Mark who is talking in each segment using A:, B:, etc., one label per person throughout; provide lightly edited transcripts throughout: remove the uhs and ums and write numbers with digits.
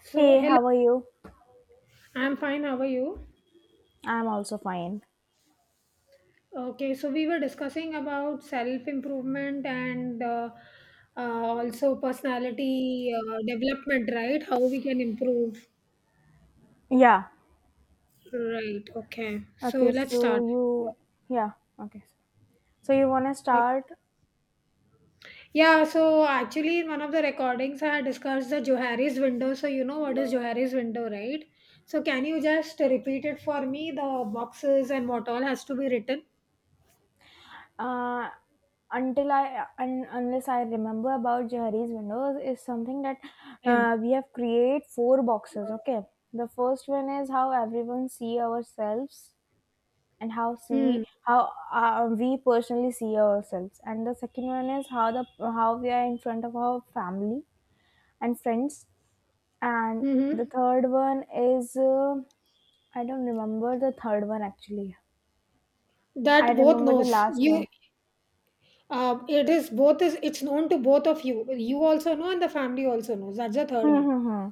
A: So,
B: Hey,
A: hello,
B: how are you?
A: I'm fine. How are you?
B: I'm also fine.
A: Okay, so we were discussing about self improvement and also personality development, right? How we can improve,
B: Yeah.
A: right? Okay, so
B: Okay,
A: let's
B: so
A: start.
B: you yeah, okay. So you want to
A: Uh,
B: start
A: yeah, so actually, in one of the recordings, I had discussed the Johari's window. So, you know what is Johari's window, right? So, can you just repeat it for me? The boxes and what all has to be written?
B: uh until I unless I remember about Jahari's windows is something that
A: Yeah.
B: we have create four boxes, okay? The first one is how everyone see ourselves and how see
A: Hmm.
B: how we personally see ourselves, and the second one is how the how we are in front of our family and friends. And the
A: Mm-hmm.
B: third one is I don't remember the third one actually. I
A: That both
B: remember the
A: knows.
B: last
A: You
B: one.
A: It is both is it's known to both of you. You also know, and the family also knows. That's the third
B: Hmm
A: one.
B: hmm hmm.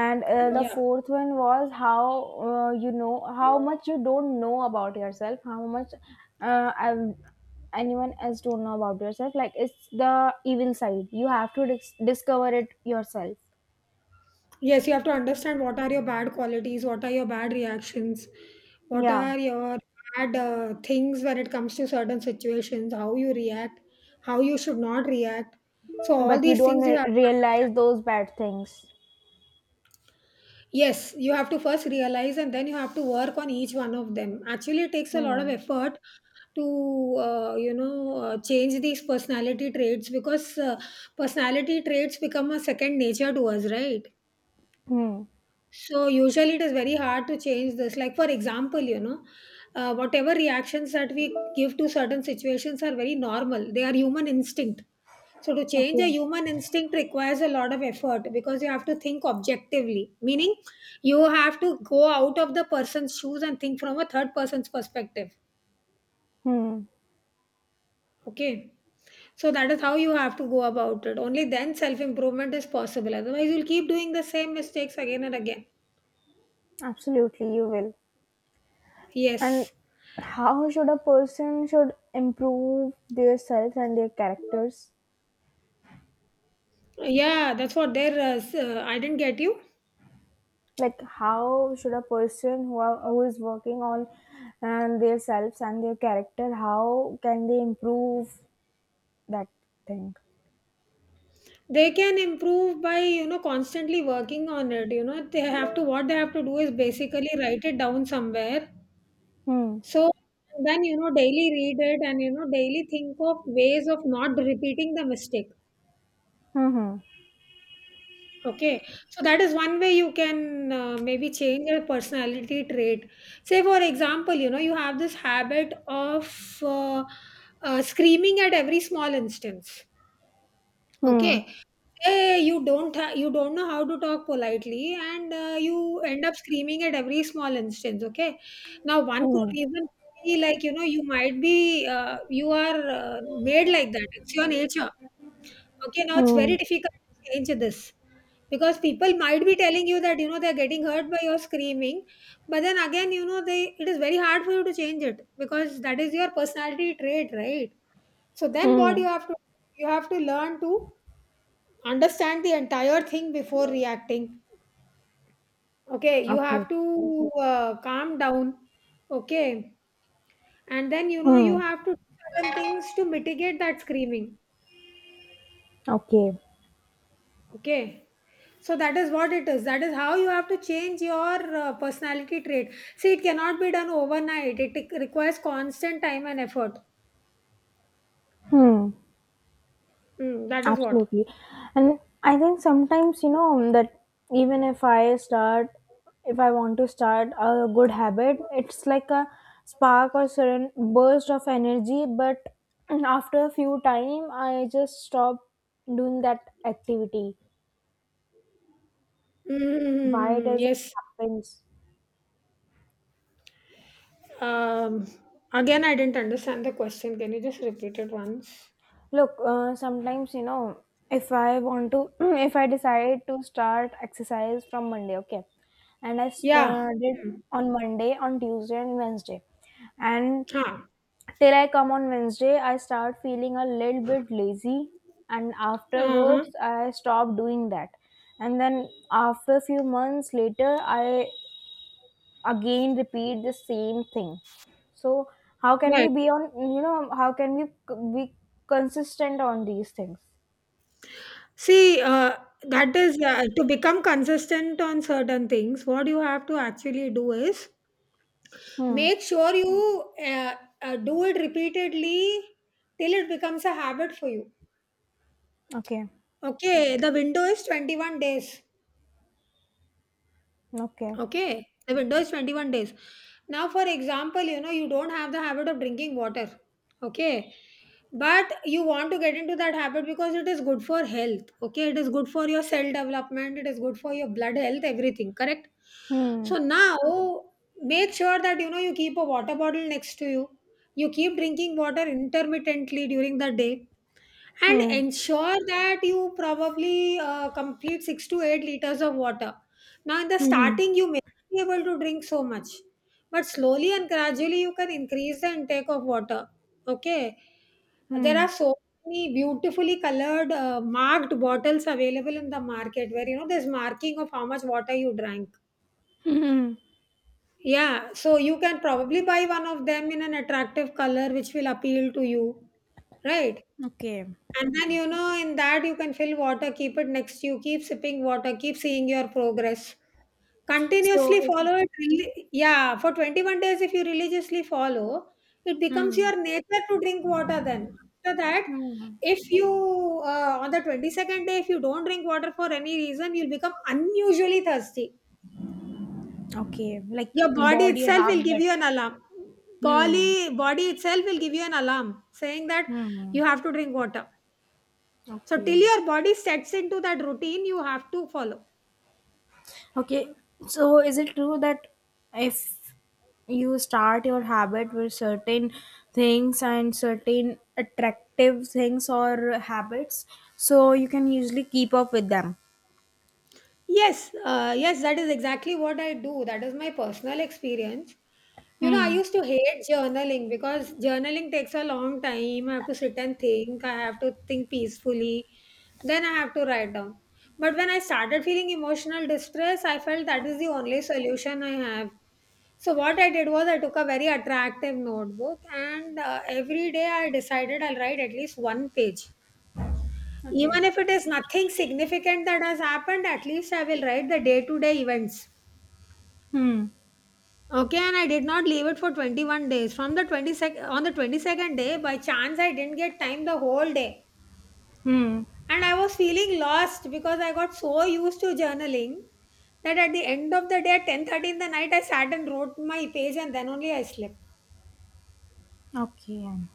B: And the
A: Yeah.
B: fourth one was how you know how much you don't know about yourself, how much I anyone else don't know about yourself. Like it's the evil side. You have to discover it yourself.
A: Yes, you have to understand what are your bad qualities, what are your bad reactions, what
B: Yeah,
A: are your bad things when it comes to certain situations, how you react, how you should not react. So
B: but
A: all
B: you
A: these
B: don't
A: things you have to
B: realize those bad things.
A: Yes, you have to first realize and then you have to work on each one of them. Actually, it takes a lot of
B: Hmm.
A: effort to, you know, change these personality traits because personality traits become a second nature to us, right?
B: Hmm.
A: So, usually it is very hard to change this. Like, for example, you know, whatever reactions that we give to certain situations are very normal, they are human instinct, so to change a
B: Okay.
A: human instinct requires a lot of effort because you have to think objectively, meaning you have to go out of the person's shoes and think from a third person's perspective.
B: Hmm.
A: Okay. So that is how you have to go about it. Only then self improvement is possible. Otherwise, you'll keep doing the same mistakes again and again.
B: Absolutely, you will. And
A: Yes.
B: how should a person should improve their self and their characters?
A: Yeah, that's what they're. S- I didn't get you.
B: Like how should a person who are, who is working on and their selves and their character, how can they improve that thing?
A: They can improve by, you know, constantly working on it. You know, they have to what they have to do is basically write it down somewhere.
B: Hmm.
A: So then, you know, daily read it and, you know, daily think of ways of not repeating the mistake.
B: Hmm.
A: Okay. So that is one way you can maybe change your personality trait. Say, for example, you know, you have this habit of screaming at every small instance.
B: Hmm.
A: Okay. Hey, you don't know how to talk politely, and you end up screaming at every small instance. Okay, now one could
B: Hmm.
A: even be like, you know, you might be you are made like that. It's your nature. Okay, now it's
B: Hmm.
A: very difficult to change this because people might be telling you that, you know, they're getting hurt by your screaming, but then again, you know, they it is very hard for you to change it because that is your personality trait, right? So then
B: Hmm.
A: what
B: Hmm.
A: you have to learn to understand the entire thing before reacting. Okay, you
B: Okay.
A: have to calm down, okay, and then, you know, you
B: Hmm.
A: have to do certain things to mitigate that screaming.
B: Okay.
A: Okay, so that is what it is, that is how you have to change your personality trait. See, it cannot be done overnight, it requires constant time and effort.
B: Hmm.
A: Mm, that is what.
B: Absolutely. And I think sometimes, you know, that even if I start, if I want to start a good habit, it's like a spark or sudden burst of energy. But after a few time, I just stop doing that activity. Why
A: Mm,
B: does it
A: yes.
B: happens?
A: um, Again, I didn't understand the question. Can you just repeat it once?
B: Look, sometimes, you know, if I want to, if I decide to start exercise from Monday, okay, and I s-
A: Yeah.
B: uh, did
A: Hmm.
B: on Monday, on Tuesday, and Wednesday, and
A: Huh.
B: till I come on Wednesday, I start feeling a little bit lazy, and
A: Uh-huh.
B: afterwards, I stop doing that, and then after a few months later, I again repeat the same thing. So how can we
A: Right.
B: be on, you know, how can we be consistent on these things?
A: See, that is, to become consistent on certain things, what you have to actually do is
B: Hmm.
A: make sure you do it repeatedly till it becomes a habit for you.
B: Okay.
A: Okay, the window is 21 days.
B: Okay.
A: Okay, the window is 21 days. Now, for example, you know, you don't have the habit of drinking water. Okay, but you want to get into that habit because it is good for health. Okay, it is good for your cell development, it is good for your blood health, everything, correct?
B: hmm
A: So now, make sure that, you know, you keep a water bottle next to you, you keep drinking water intermittently during the day, and
B: hmm
A: ensure that you probably complete 6 to 8 liters of water. Now in the
B: hmm hmm
A: starting you may be able to drink so much, but slowly and gradually you can increase the intake of water. Okay, there are
B: hmm,
A: so many beautifully colored marked bottles available in the market where, you know, there's marking of how much water you drank. Yeah, so you can probably buy one of them in an attractive color which will appeal to you, right?
B: Okay.
A: And then, you know, in that you can fill water, keep it next to you, keep sipping water, keep seeing your progress.
B: So
A: Continuously
B: if
A: follow it, really, yeah, for 21 days if you religiously follow, it becomes
B: hmm.
A: your nature to drink water then. After that,
B: hmm.
A: if you on the 22nd day if you don't drink water for any reason, you'll become unusually thirsty.
B: Okay. Like
A: Your body
B: body
A: itself will
B: adapt
A: give
B: that.
A: you an alarm.
B: Hmm.
A: Body itself will give you an alarm saying that
B: hmm
A: you have to drink water. So till
B: okay.
A: your body sets into that routine, you have to follow.
B: Okay, so is it true that if you start your habit with certain things and certain attractive things or habits, so you can usually keep up with them?
A: Yes, yes, that is exactly what I do. That is my personal experience. You know, I
B: Hmm.
A: used to hate journaling because journaling takes a long time. I have to sit and think. I have to think peacefully. Then I have to write down. But when I started feeling emotional distress, I felt that is the only solution I have. So what I did was I took a very attractive notebook, and every day I decided I'll write at least one page.
B: Okay.
A: Even if it is nothing significant that has happened, at least I will write the day-to-day events.
B: Hmm.
A: Okay, and I did not leave it for 21 days. From the 22nd On the 22nd day, by chance I didn't get time the whole day.
B: Hmm.
A: And I was feeling lost because I got so used to journaling that at the end of the day, at 10:30 in the night, I sat and wrote my page and then only I slept.
B: Okay.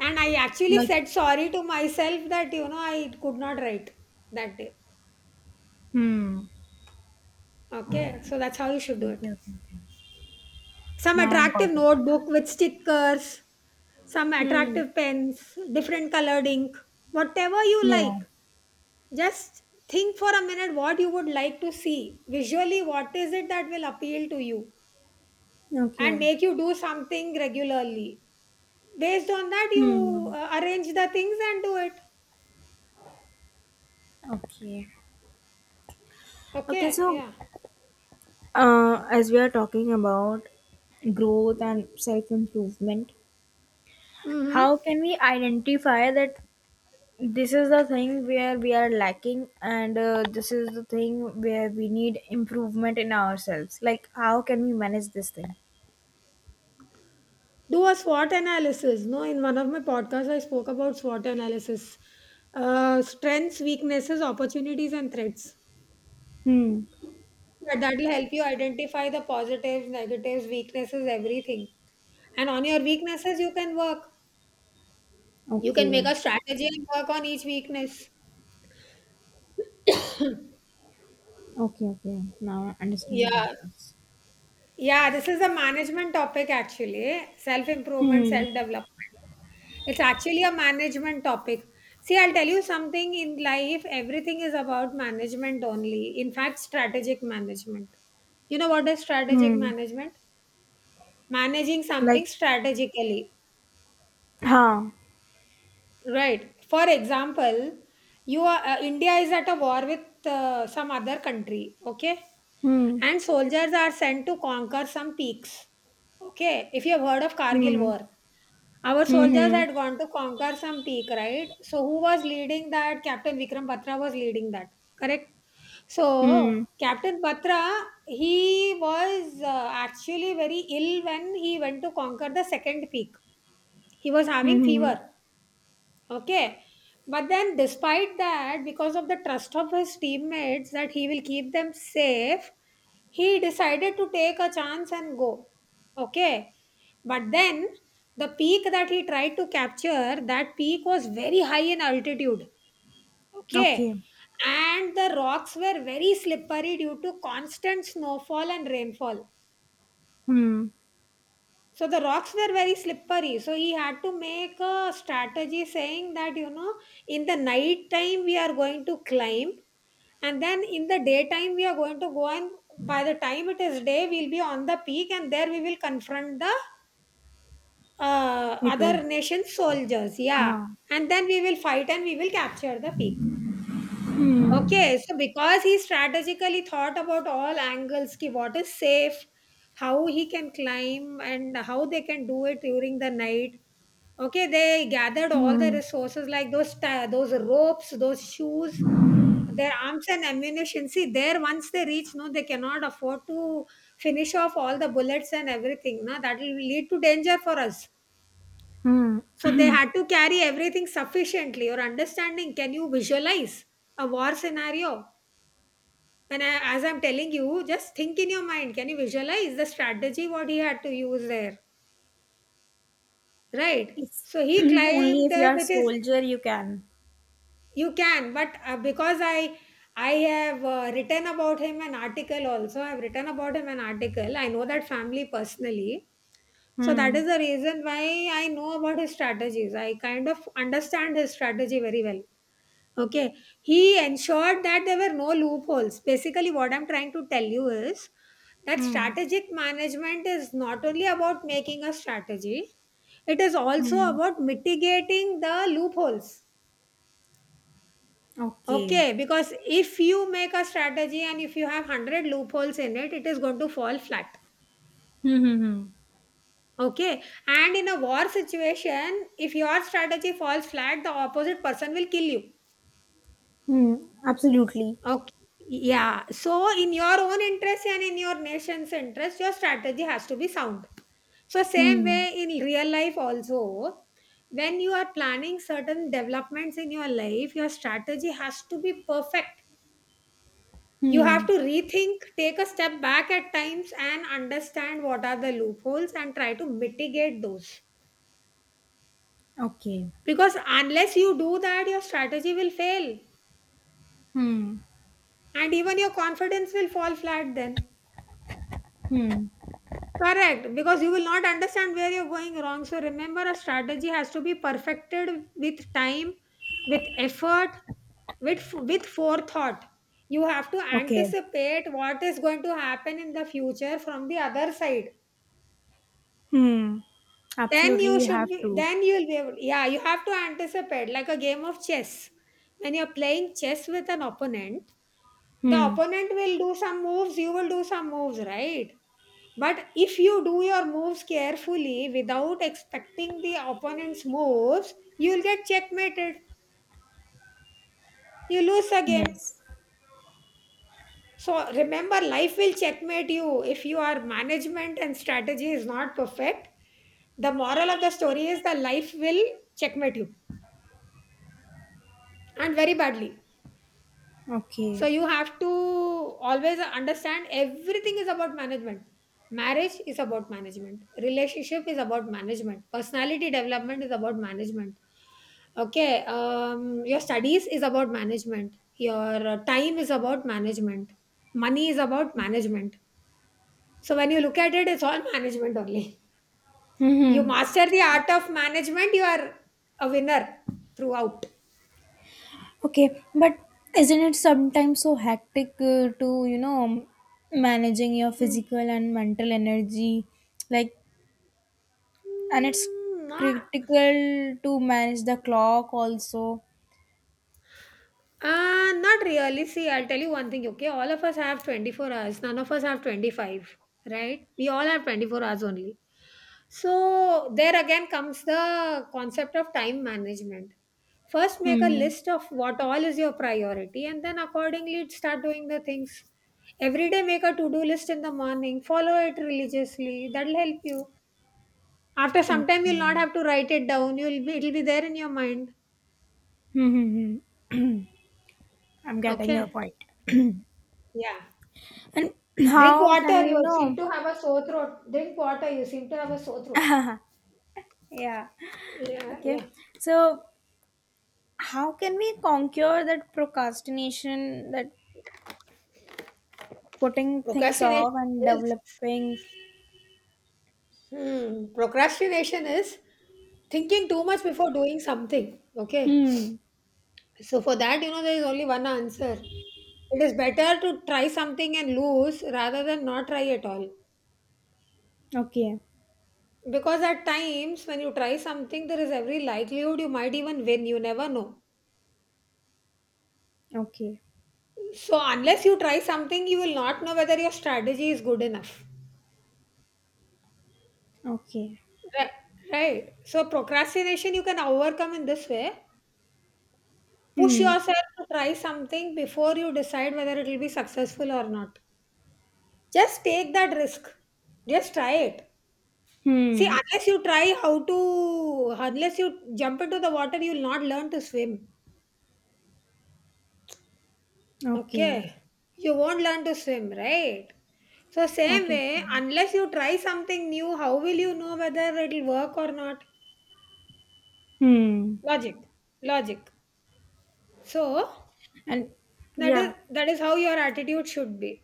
A: And I actually
B: Like.
A: said sorry to myself that, you know, I could not write that day.
B: Hmm.
A: Okay. So that's how you should do it.
B: Okay. Okay. Okay.
A: Some
B: Now I
A: attractive
B: got it.
A: notebook with stickers, some
B: Hmm.
A: attractive pens, different colored ink, whatever you
B: Yeah.
A: like. Just think for a minute what you would like to see. Visually, what is it that will appeal to you and
B: Okay.
A: make you do something regularly? Based on that, you
B: Hmm.
A: arrange the things and do it.
B: Okay. Okay.
A: Okay.
B: So
A: Yeah.
B: As we are talking about growth and self improvement,
A: Mm-hmm.
B: how can we identify that this is the thing where we are lacking, and this is the thing where we need improvement in ourselves? Like, how can we manage this thing?
A: Do a SWOT analysis. No, in one of my podcasts, I spoke about SWOT analysis, strengths, weaknesses, opportunities, and threats.
B: Hmm.
A: That will help you identify the positives, negatives, weaknesses, everything. And on your weaknesses, you can work. You can
B: Okay.
A: make a strategy and work on each weakness.
B: Okay. Okay. Now I understand about
A: Yeah.
B: this.
A: Yeah, this is a management topic actually, self improvement,
B: Hmm.
A: self development. It's actually a management topic. See, I'll tell you something, in life, everything is about management only. In fact, strategic management. You know what is strategic
B: Hmm.
A: management? Managing
B: Like,
A: something strategically.
B: huh.
A: Right. For example, you are India is at a war with some other country, okay?
B: Hmm.
A: And soldiers are sent to conquer some peaks. Okay, if you have heard of Kargil
B: Hmm.
A: war, our
B: Hmm.
A: soldiers
B: Hmm.
A: had gone to conquer some peak, right? So who was leading that? Captain Vikram Batra was leading that, correct? So
B: Hmm.
A: Captain Batra, he was actually very ill when he went to conquer the second peak. He was having
B: Hmm. hmm.
A: fever. Okay. But then, despite that, because of the trust of his teammates that he will keep them safe, he decided to take a chance and go. Okay. But then, the peak that he tried to capture, that peak was very high in altitude. Okay.
B: Okay.
A: And the rocks were very slippery due to constant snowfall and rainfall.
B: Hmm.
A: So the rocks were very slippery. So he had to make a strategy saying that, you know, in the night time we are going to climb, and then in the daytime we are going to go and by the time it is day, we'll be on the peak and there we will confront the
B: People.
A: other nation's soldiers. Yeah.
B: Ah,
A: And then we will fight and we will capture the peak. Okay. So because he strategically thought about all angles, ki what is safe, how he can climb and how they can do it during the night. Okay, they gathered all the
B: hmm,
A: resources like those ropes, those shoes, their arms and ammunition. See, there, once they reach, no, they cannot afford to finish off all the bullets and everything, no, that will lead to danger for us.
B: hmm.
A: So they had to carry everything sufficiently. Your understanding, can you visualize a war scenario? And as I'm telling you, just think in your mind, can you visualize the strategy what he had to use there? Right.
B: It's
A: So he
B: only
A: climbed
B: if
A: there
B: you're a
A: with his,
B: soldier you can.
A: you can, but because I have written about him an article also. I've written about him an article. I know that family personally. So that
B: Hmm,
A: is the reason why I know about his strategies. I kind of understand his strategy very well. Okay, he ensured that there were no loopholes. Basically, what I'm trying to tell you is that
B: hmm,
A: strategic management is not only about making a strategy, it is also
B: hmm.
A: about mitigating the loopholes.
B: Okay.
A: Okay, because if you make a strategy and if you have 100 loopholes in it, it is going to fall flat.
B: Hmm, hmm, hmm.
A: Okay, and in a war situation, if your strategy falls flat, the opposite person will kill you.
B: Hmm, absolutely.
A: Okay, yeah. So, in your own interest and in your nation's interest, your strategy has to be sound. So, same
B: Hmm,
A: way in real life, also, when you are planning certain developments in your life, your strategy has to be perfect. You have
B: hmm.
A: to rethink, take a step back at times and understand what are the loopholes and try to mitigate those.
B: Okay.
A: Because unless you do that, your strategy will fail
B: Hmm,
A: and even your confidence will fall flat then.
B: hmm.
A: Correct, because you will not understand where you're going wrong. So remember, a strategy has to be perfected with time, with effort, with forethought. You have to
B: Okay.
A: anticipate what is going to happen in the future from the other side.
B: Hmm.
A: Then
B: Absolutely,
A: you
B: you
A: should
B: have
A: be,
B: to.
A: then you'll be able, yeah, you have to anticipate like a game of chess. When you're playing chess with an opponent, the
B: Hmm.
A: opponent will do some moves, you will do some moves, right? But if you do your moves carefully without expecting the opponent's moves, you'll get checkmated. You lose the game.
B: Yes.
A: So remember, life will checkmate you if your management and strategy is not perfect. The moral of the story is that life will checkmate you, and very badly.
B: Okay.
A: So you have to always understand, everything is about management. Marriage is about management. Relationship is about management. Personality development is about management. Okay, your studies is about management. Your time is about management. Money is about management. So when you look at it, it's all management only.
B: Hmm.
A: You
B: hmm.
A: master the art of management, you are a winner throughout.
B: Okay, but isn't it sometimes so hectic to, you know, managing your
A: Hmm.
B: physical and mental energy? Like, and it's
A: Hmm, Not
B: critical to manage the clock also.
A: Not really. See, I'll tell you one thing, okay? All of us have 24 hours. None of us have 25, right? We all have 24 hours only. So, there again comes the concept of time management. First, make a
B: Hmm.
A: list of what all is your priority, and then accordingly, start doing the things. Every day, make a to do list in the morning, follow it religiously. That'll help you. After some time, you'll
B: Okay.
A: not have to write it down, it'll be there in your mind.
B: Hmm. hmm, hmm. I'm getting your
A: Okay?
B: point.
A: Yeah.
B: And
A: Drink
B: how can
A: water,
B: we
A: you seem
B: know?
A: to have a sore throat. Drink water, you seem to have a sore throat.
B: Yeah.
A: Yeah,
B: Okay.
A: yeah.
B: So, how can we conquer that procrastination, that putting things
A: Procrastination
B: off and
A: is,
B: developing?
A: procrastination is thinking too much before doing something. Okay.
B: Hmm.
A: So for that, you know, there is only one answer. It is better to try something and lose rather than not try at all.
B: Okay.
A: Because at times when you try something, there is every likelihood you might even win. You never know.
B: Okay.
A: So unless you try something, you will not know whether your strategy is good enough.
B: Okay.
A: Right, right. So procrastination you can overcome in this way. Push
B: Hmm.
A: yourself to try something before you decide whether it will be successful or not. Just take that risk. Just try it. See,
B: Hmm.
A: unless you try how to, unless you jump into the water, you'll not learn to swim.
B: Okay.
A: Okay. You won't learn to swim, right? So, same
B: Okay.
A: way,
B: okay.
A: unless you try something new, how will you know whether it'll work or not?
B: Hmm.
A: Logic. Logic. So,
B: And
A: that is
B: yeah.
A: that is how your attitude should be.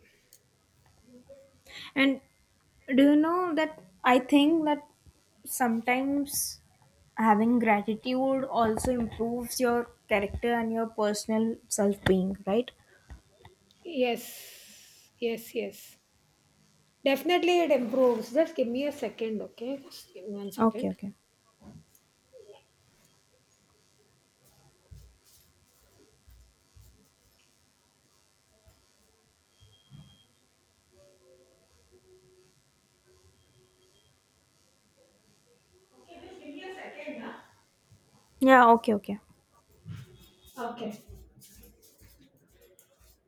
B: And do you know that I think that sometimes having gratitude also improves your character and your personal self being, right?
A: Yes. Yes, definitely it improves. Just give me a second, okay? Just give me one
B: Okay,
A: second.
B: okay. Yeah, okay, okay.
A: Okay,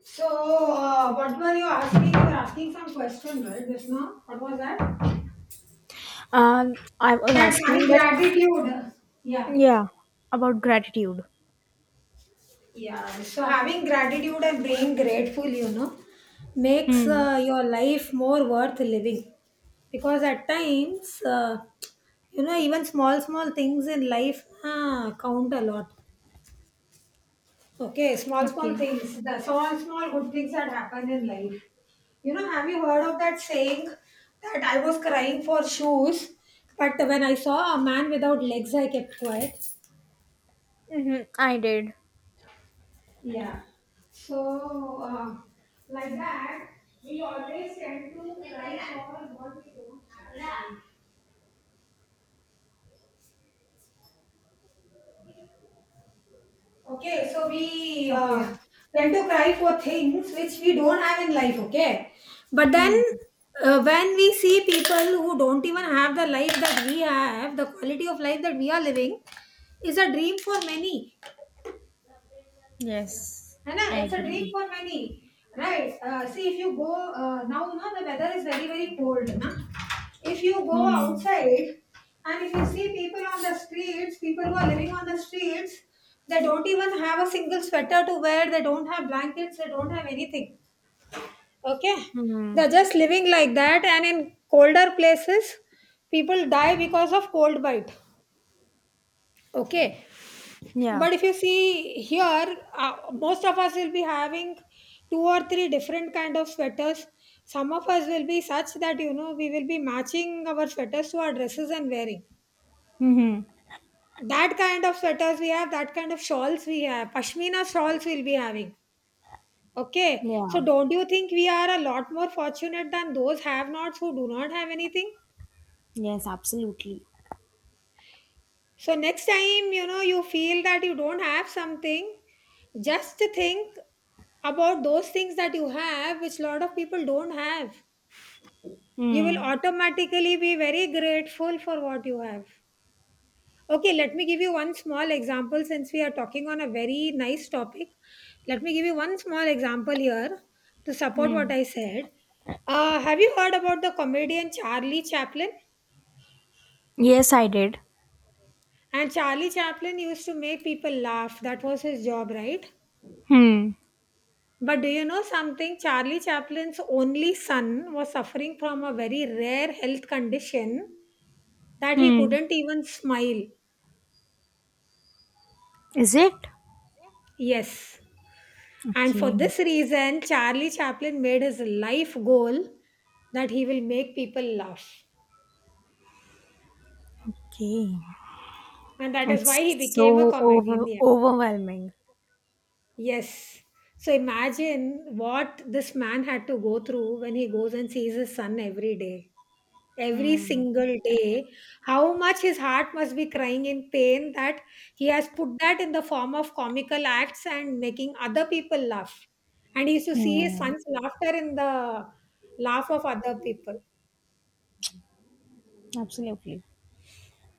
A: so what were you asking? You were asking some question, right? Just now, what was that?
B: I was asking that
A: Gratitude, yeah.
B: yeah, about gratitude.
A: Yeah, so having gratitude and being grateful, you know, makes
B: Hmm.
A: your life more worth living. Because at times, you know, even small, small things in life count a lot. Okay, small, small
B: Okay.
A: things, the small, small good things that happen in life. You know, have you heard of that saying that I was crying for shoes, but when I saw a man without legs, I kept quiet?
B: Mm-hmm. I did.
A: Yeah. So, like that, we always tend to cry for what we don't have. Okay, so we
B: Okay.
A: tend to cry for things which we don't have in life, okay? But then,
B: Hmm.
A: when we see people who don't even have the life that we have, the quality of life that we are living is a dream for many.
B: Yes,
A: है ना,
B: I
A: it's a dream
B: agree.
A: for many, right. See, if you go, now no, the weather is very very cold, na? If you go
B: Hmm.
A: outside and if you see people on the streets, people who are living on the streets, they don't even have a single sweater to wear, they don't have blankets, they don't have anything, okay.
B: Hmm.
A: They're just living like that. And in colder places, people die because of cold bite, okay.
B: Yeah.
A: But if you see here, most of us will be having two or three different kind of sweaters. Some of us will be such that, you know, we will be matching our sweaters to our dresses and wearing.
B: Hmm.
A: That kind of sweaters we have, that kind of shawls we have, pashmina shawls we'll be having. Okay, so
B: Yeah.
A: don't you think we are a lot more fortunate than those have nots who do not have anything?
B: Yes, absolutely.
A: So next time, you know, you feel that you don't have something, just think about those things that you have, which lot of people don't have. You will
B: Hmm.
A: automatically be very grateful for what you have. Okay, let me give you one small example since we are talking on a very nice topic. Let me give you one small example here to support what
B: Hmm.
A: I said. Have you heard about the comedian Charlie Chaplin?
B: Yes, I did.
A: And Charlie Chaplin used to make people laugh. That was his job, right?
B: Hmm.
A: But do you know something? Charlie Chaplin's only son was suffering from a very rare health condition that he
B: Hmm.
A: couldn't even smile.
B: Is it?
A: Yes. And for
B: Okay.
A: this reason, Charlie Chaplin made his life goal that he will make people laugh.
B: Okay.
A: And that is why
B: It's
A: he became a
B: so over
A: comedian. Yeah.
B: overwhelming.
A: Yes. So imagine what this man had to go through when he goes and sees his son every day, every
B: Hmm.
A: single day. How much his heart must be crying in pain that he has put that in the form of comical acts and making other people laugh, and he used to see his
B: Hmm.
A: son's laughter in the laugh of other people.
B: Absolutely.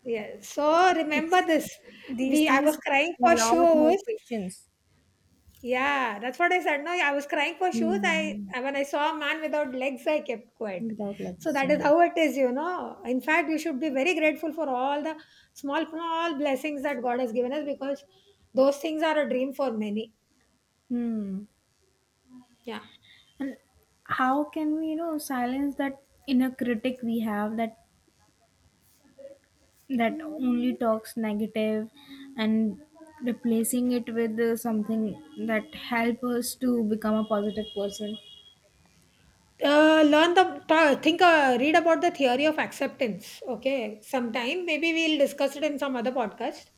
A: Yeah, so
B: It's
A: remember this.
B: these
A: We, I
B: things
A: was
B: a
A: crying for
B: lot more
A: shows.
B: patience.
A: Yeah, that's what I said. No, yeah, I was crying for shoes.
B: Hmm.
A: When I saw a man without legs, I kept quiet.
B: Without
A: So
B: limits,
A: that
B: yeah.
A: is how it is, you know. In fact, you should be very grateful for all the small, small blessings that God has given us, because those things are a dream for many.
B: Hmm.
A: Yeah.
B: And how can we, you know, silence that inner critic we have that that only
A: Mm,
B: talks negative and replacing it with something that help us to become a positive person?
A: learn the ta- think read about the theory of acceptance. Okay, sometime maybe we'll discuss it in some other podcast,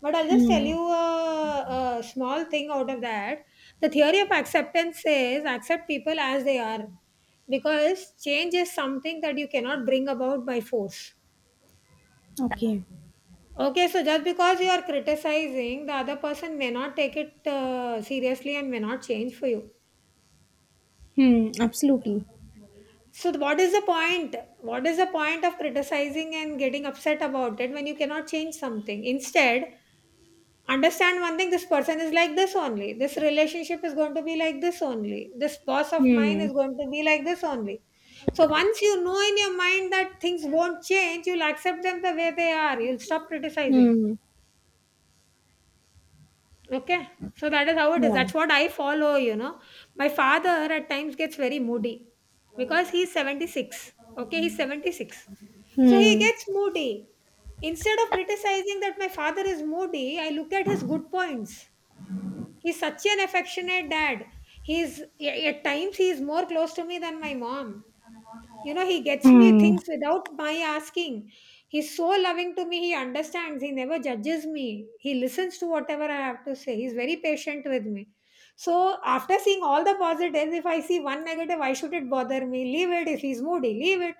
A: but I'll just tell
B: Hmm.
A: you a small thing out of that. The theory of acceptance says accept people as they are, because change is something that you cannot bring about by force.
B: Okay.
A: Okay, so just because you are criticizing, the other person may not take it seriously and may not change for you.
B: Hmm. Absolutely.
A: So what is the point? What is the point of criticizing and getting upset about it when you cannot change something? Instead, understand one thing, this person is like this only. This relationship is going to be like this only. This boss of mine
B: Hmm.
A: is going to be like this only. So once you know in your mind that things won't change, you'll accept them the way they are. You'll stop criticizing.
B: Hmm.
A: Okay, so that is how it is.
B: Yeah.
A: That's what I follow, you know. My father at times gets very moody because he's 76. Okay, he's 76. So he
B: Hmm.
A: gets moody. Instead of criticizing that my father is moody, I look at his good points. He's such an affectionate dad. At times he is more close to me than my mom. You know, he gets me
B: Hmm.
A: things without my asking. He's so loving to me. He understands. He never judges me. He listens to whatever I have to say. He's very patient with me. So, after seeing all the positives, if I see one negative, why should it bother me? Leave it. If he's moody, leave it.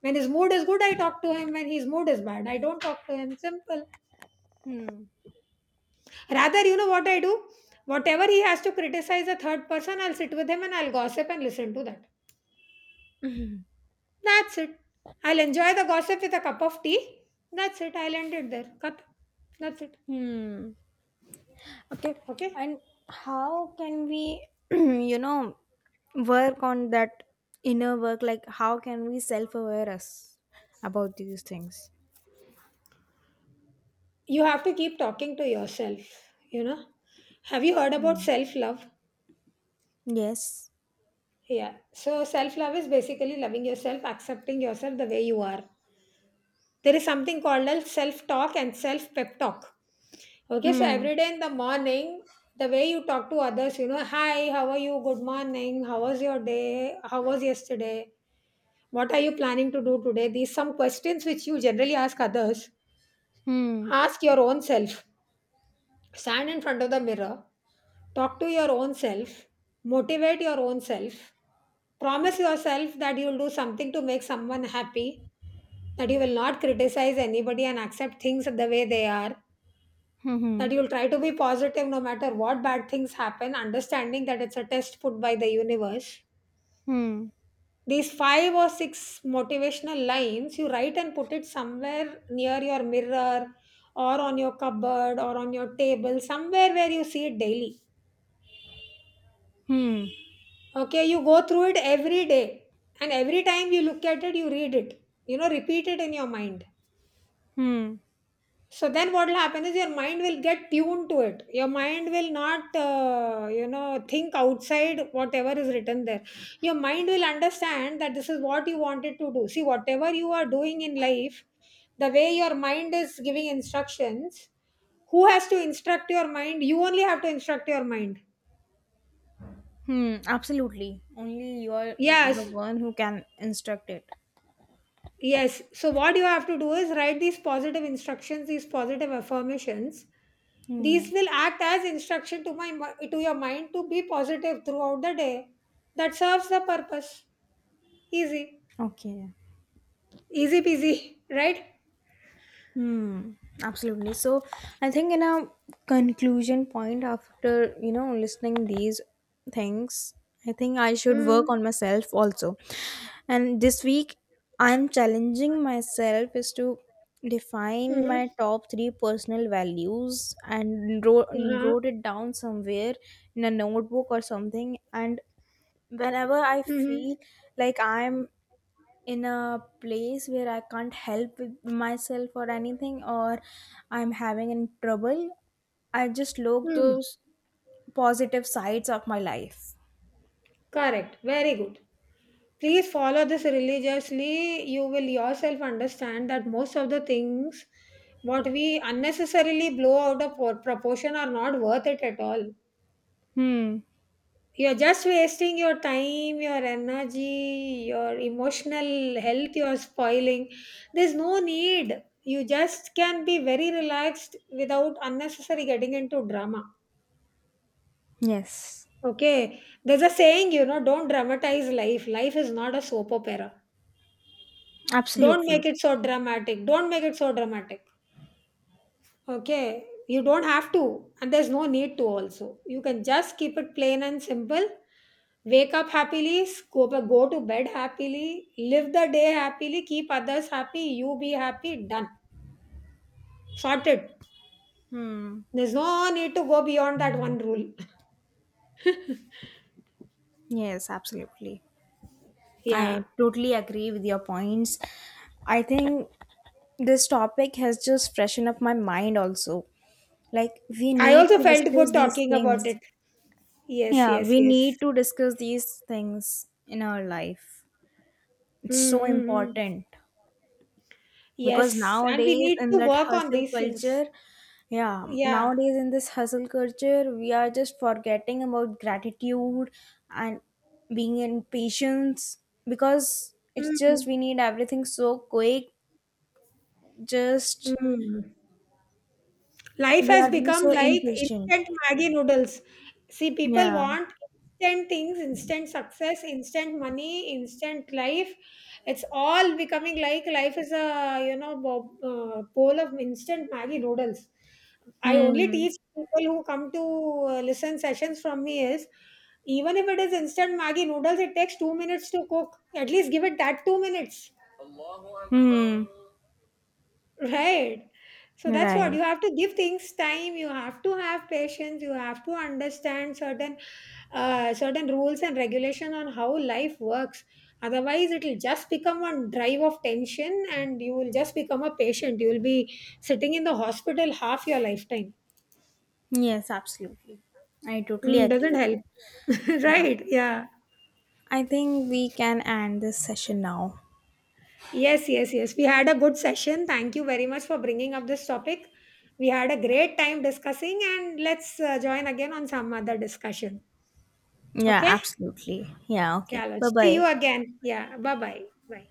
A: When his mood is good, I talk to him. When his mood is bad, I don't talk to him. Simple.
B: Hmm.
A: Rather, you know what I do? Whatever he has to criticize a third person, I'll sit with him and I'll gossip and listen to that. That's it. I'll enjoy the gossip with a cup of tea. That's it. I'll end it there. Cup. That's it.
B: Hmm. Okay,
A: Okay.
B: and how can we, you know, work on that inner work? Like, how can we self aware us about these things?
A: You have to keep talking to yourself. You know. Have you heard about
B: Hmm.
A: self love?
B: Yes.
A: Yeah. So self love is basically loving yourself, accepting yourself the way you are. There is something called as self talk and self pep talk. Okay. So
B: Hmm.
A: every day in the morning, the way you talk to others, you know, hi, how are you? Good morning. How was your day? How was yesterday? What are you planning to do today? These some questions which you generally ask others.
B: Hmm.
A: Ask your own self. Stand in front of the mirror. Talk to your own self. Motivate your own self. Promise yourself that you'll do something to make someone happy. That you will not criticize anybody and accept things the way they are.
B: Hmm.
A: That you'll try to be positive no matter what bad things happen, understanding that it's a test put by the universe.
B: Hmm.
A: These five or six motivational lines you write and put it somewhere near your mirror or on your cupboard or on your table, somewhere where you see it daily.
B: Hmm. Hmm.
A: Okay, you go through it every day, and every time you look at it, you read it. You know, repeat it in your mind.
B: Hmm.
A: So then what will happen is your mind will get tuned to it. Your mind will not, you know, think outside whatever is written there. Your mind will understand that this is what you wanted to do. See, whatever you are doing in life, the way your mind is giving instructions, who has to instruct your mind? You only have to instruct your mind.
B: Hmm. Absolutely. Only you are the
A: Yes,
B: one who can instruct it.
A: yes. So what you have to do is write these positive instructions, these positive affirmations.
B: Hmm.
A: These will act as instruction to to your mind to be positive throughout the day. That serves the purpose. Easy.
B: Okay.
A: Easy peasy, right?
B: Hmm, absolutely. So I think in a conclusion point after, you know, listening these things, I think I should work
A: Mm.
B: on myself also. And this week I'm challenging myself is to define
A: Mm-hmm.
B: my top 3 personal values and wrote,
A: Uh-huh.
B: wrote it down somewhere in a notebook or something. And whenever I feel
A: Mm-hmm.
B: like I'm in a place where I can't help with myself or anything, or I'm having in trouble, I just look
A: Mm.
B: those positive sides of my life.
A: Correct. Very good. Please follow this religiously. You will yourself understand that most of the things what we unnecessarily blow out of proportion are not worth it at all.
B: Hmm.
A: You're just wasting your time, your energy, your emotional health, you're spoiling. There's no need. You just can be very relaxed without unnecessary getting into drama.
B: Yes.
A: Okay. There's a saying, you know, don't dramatize life. Life is not a soap opera. Don't
B: Absolutely.
A: make it so dramatic. Don't make it so dramatic. Okay. You don't have to. And there's no need to also. You can just keep it plain and simple. Wake up happily, go to bed happily, live the day happily, keep others happy, you be happy, done. Sorted.
B: Hmm.
A: There's no need to go beyond that one rule.
B: Yes, absolutely. I
A: Yeah.
B: totally agree with your points. I think this topic has just freshened up my mind also. Like, we
A: I
B: need
A: also
B: to
A: felt
B: discuss
A: good
B: these
A: talking about
B: things.
A: it. Yes,
B: Yeah,
A: yes,
B: we
A: yes.
B: need to discuss these things in our life. It's
A: Mm
B: so
A: hmm mm.
B: important because
A: Yes. And we
B: nowadays
A: need
B: in
A: to
B: that
A: work on
B: hustle
A: these things.
B: culture, yeah,
A: Yeah.
B: nowadays in this hustle culture, we are just forgetting about gratitude and being in patience because it's just
A: Mm-hmm.
B: we need everything so quick. Just
A: Hmm. Life
B: we
A: has
B: are being
A: become
B: so
A: like
B: impatient.
A: instant Maggie noodles. See, people
B: Yeah.
A: want instant things, instant success, instant money, instant life. It's all becoming like life is a bowl of instant Maggie noodles. I only
B: Hmm.
A: teach people who come to listen sessions from me is even if it is instant Maggie noodles, it takes 2 minutes to cook. At least give it that 2 minutes.
B: Hmm.
A: Right. So that's what, you
B: Right.
A: have to give things time. You have to have patience. You have to understand certain certain rules and regulation on how life works. Otherwise, it will just become one drive of tension, and you will just become a patient. You will be sitting in the hospital half your lifetime.
B: Yes, absolutely. I totally
A: Mm,
B: agree
A: doesn't
B: with you.
A: help.
B: Yeah.
A: Right. Yeah.
B: I think we can end this session now.
A: Yes. Yes. Yes. We had a good session. Thank you very much for bringing up this topic. We had a great time discussing, and let's join again on some other discussion.
B: Yeah,
A: Okay?
B: absolutely. Yeah, okay.
A: ચાલો.
B: Bye
A: See you
B: bye.
A: again. Yeah. Bye-bye. Bye. Bye.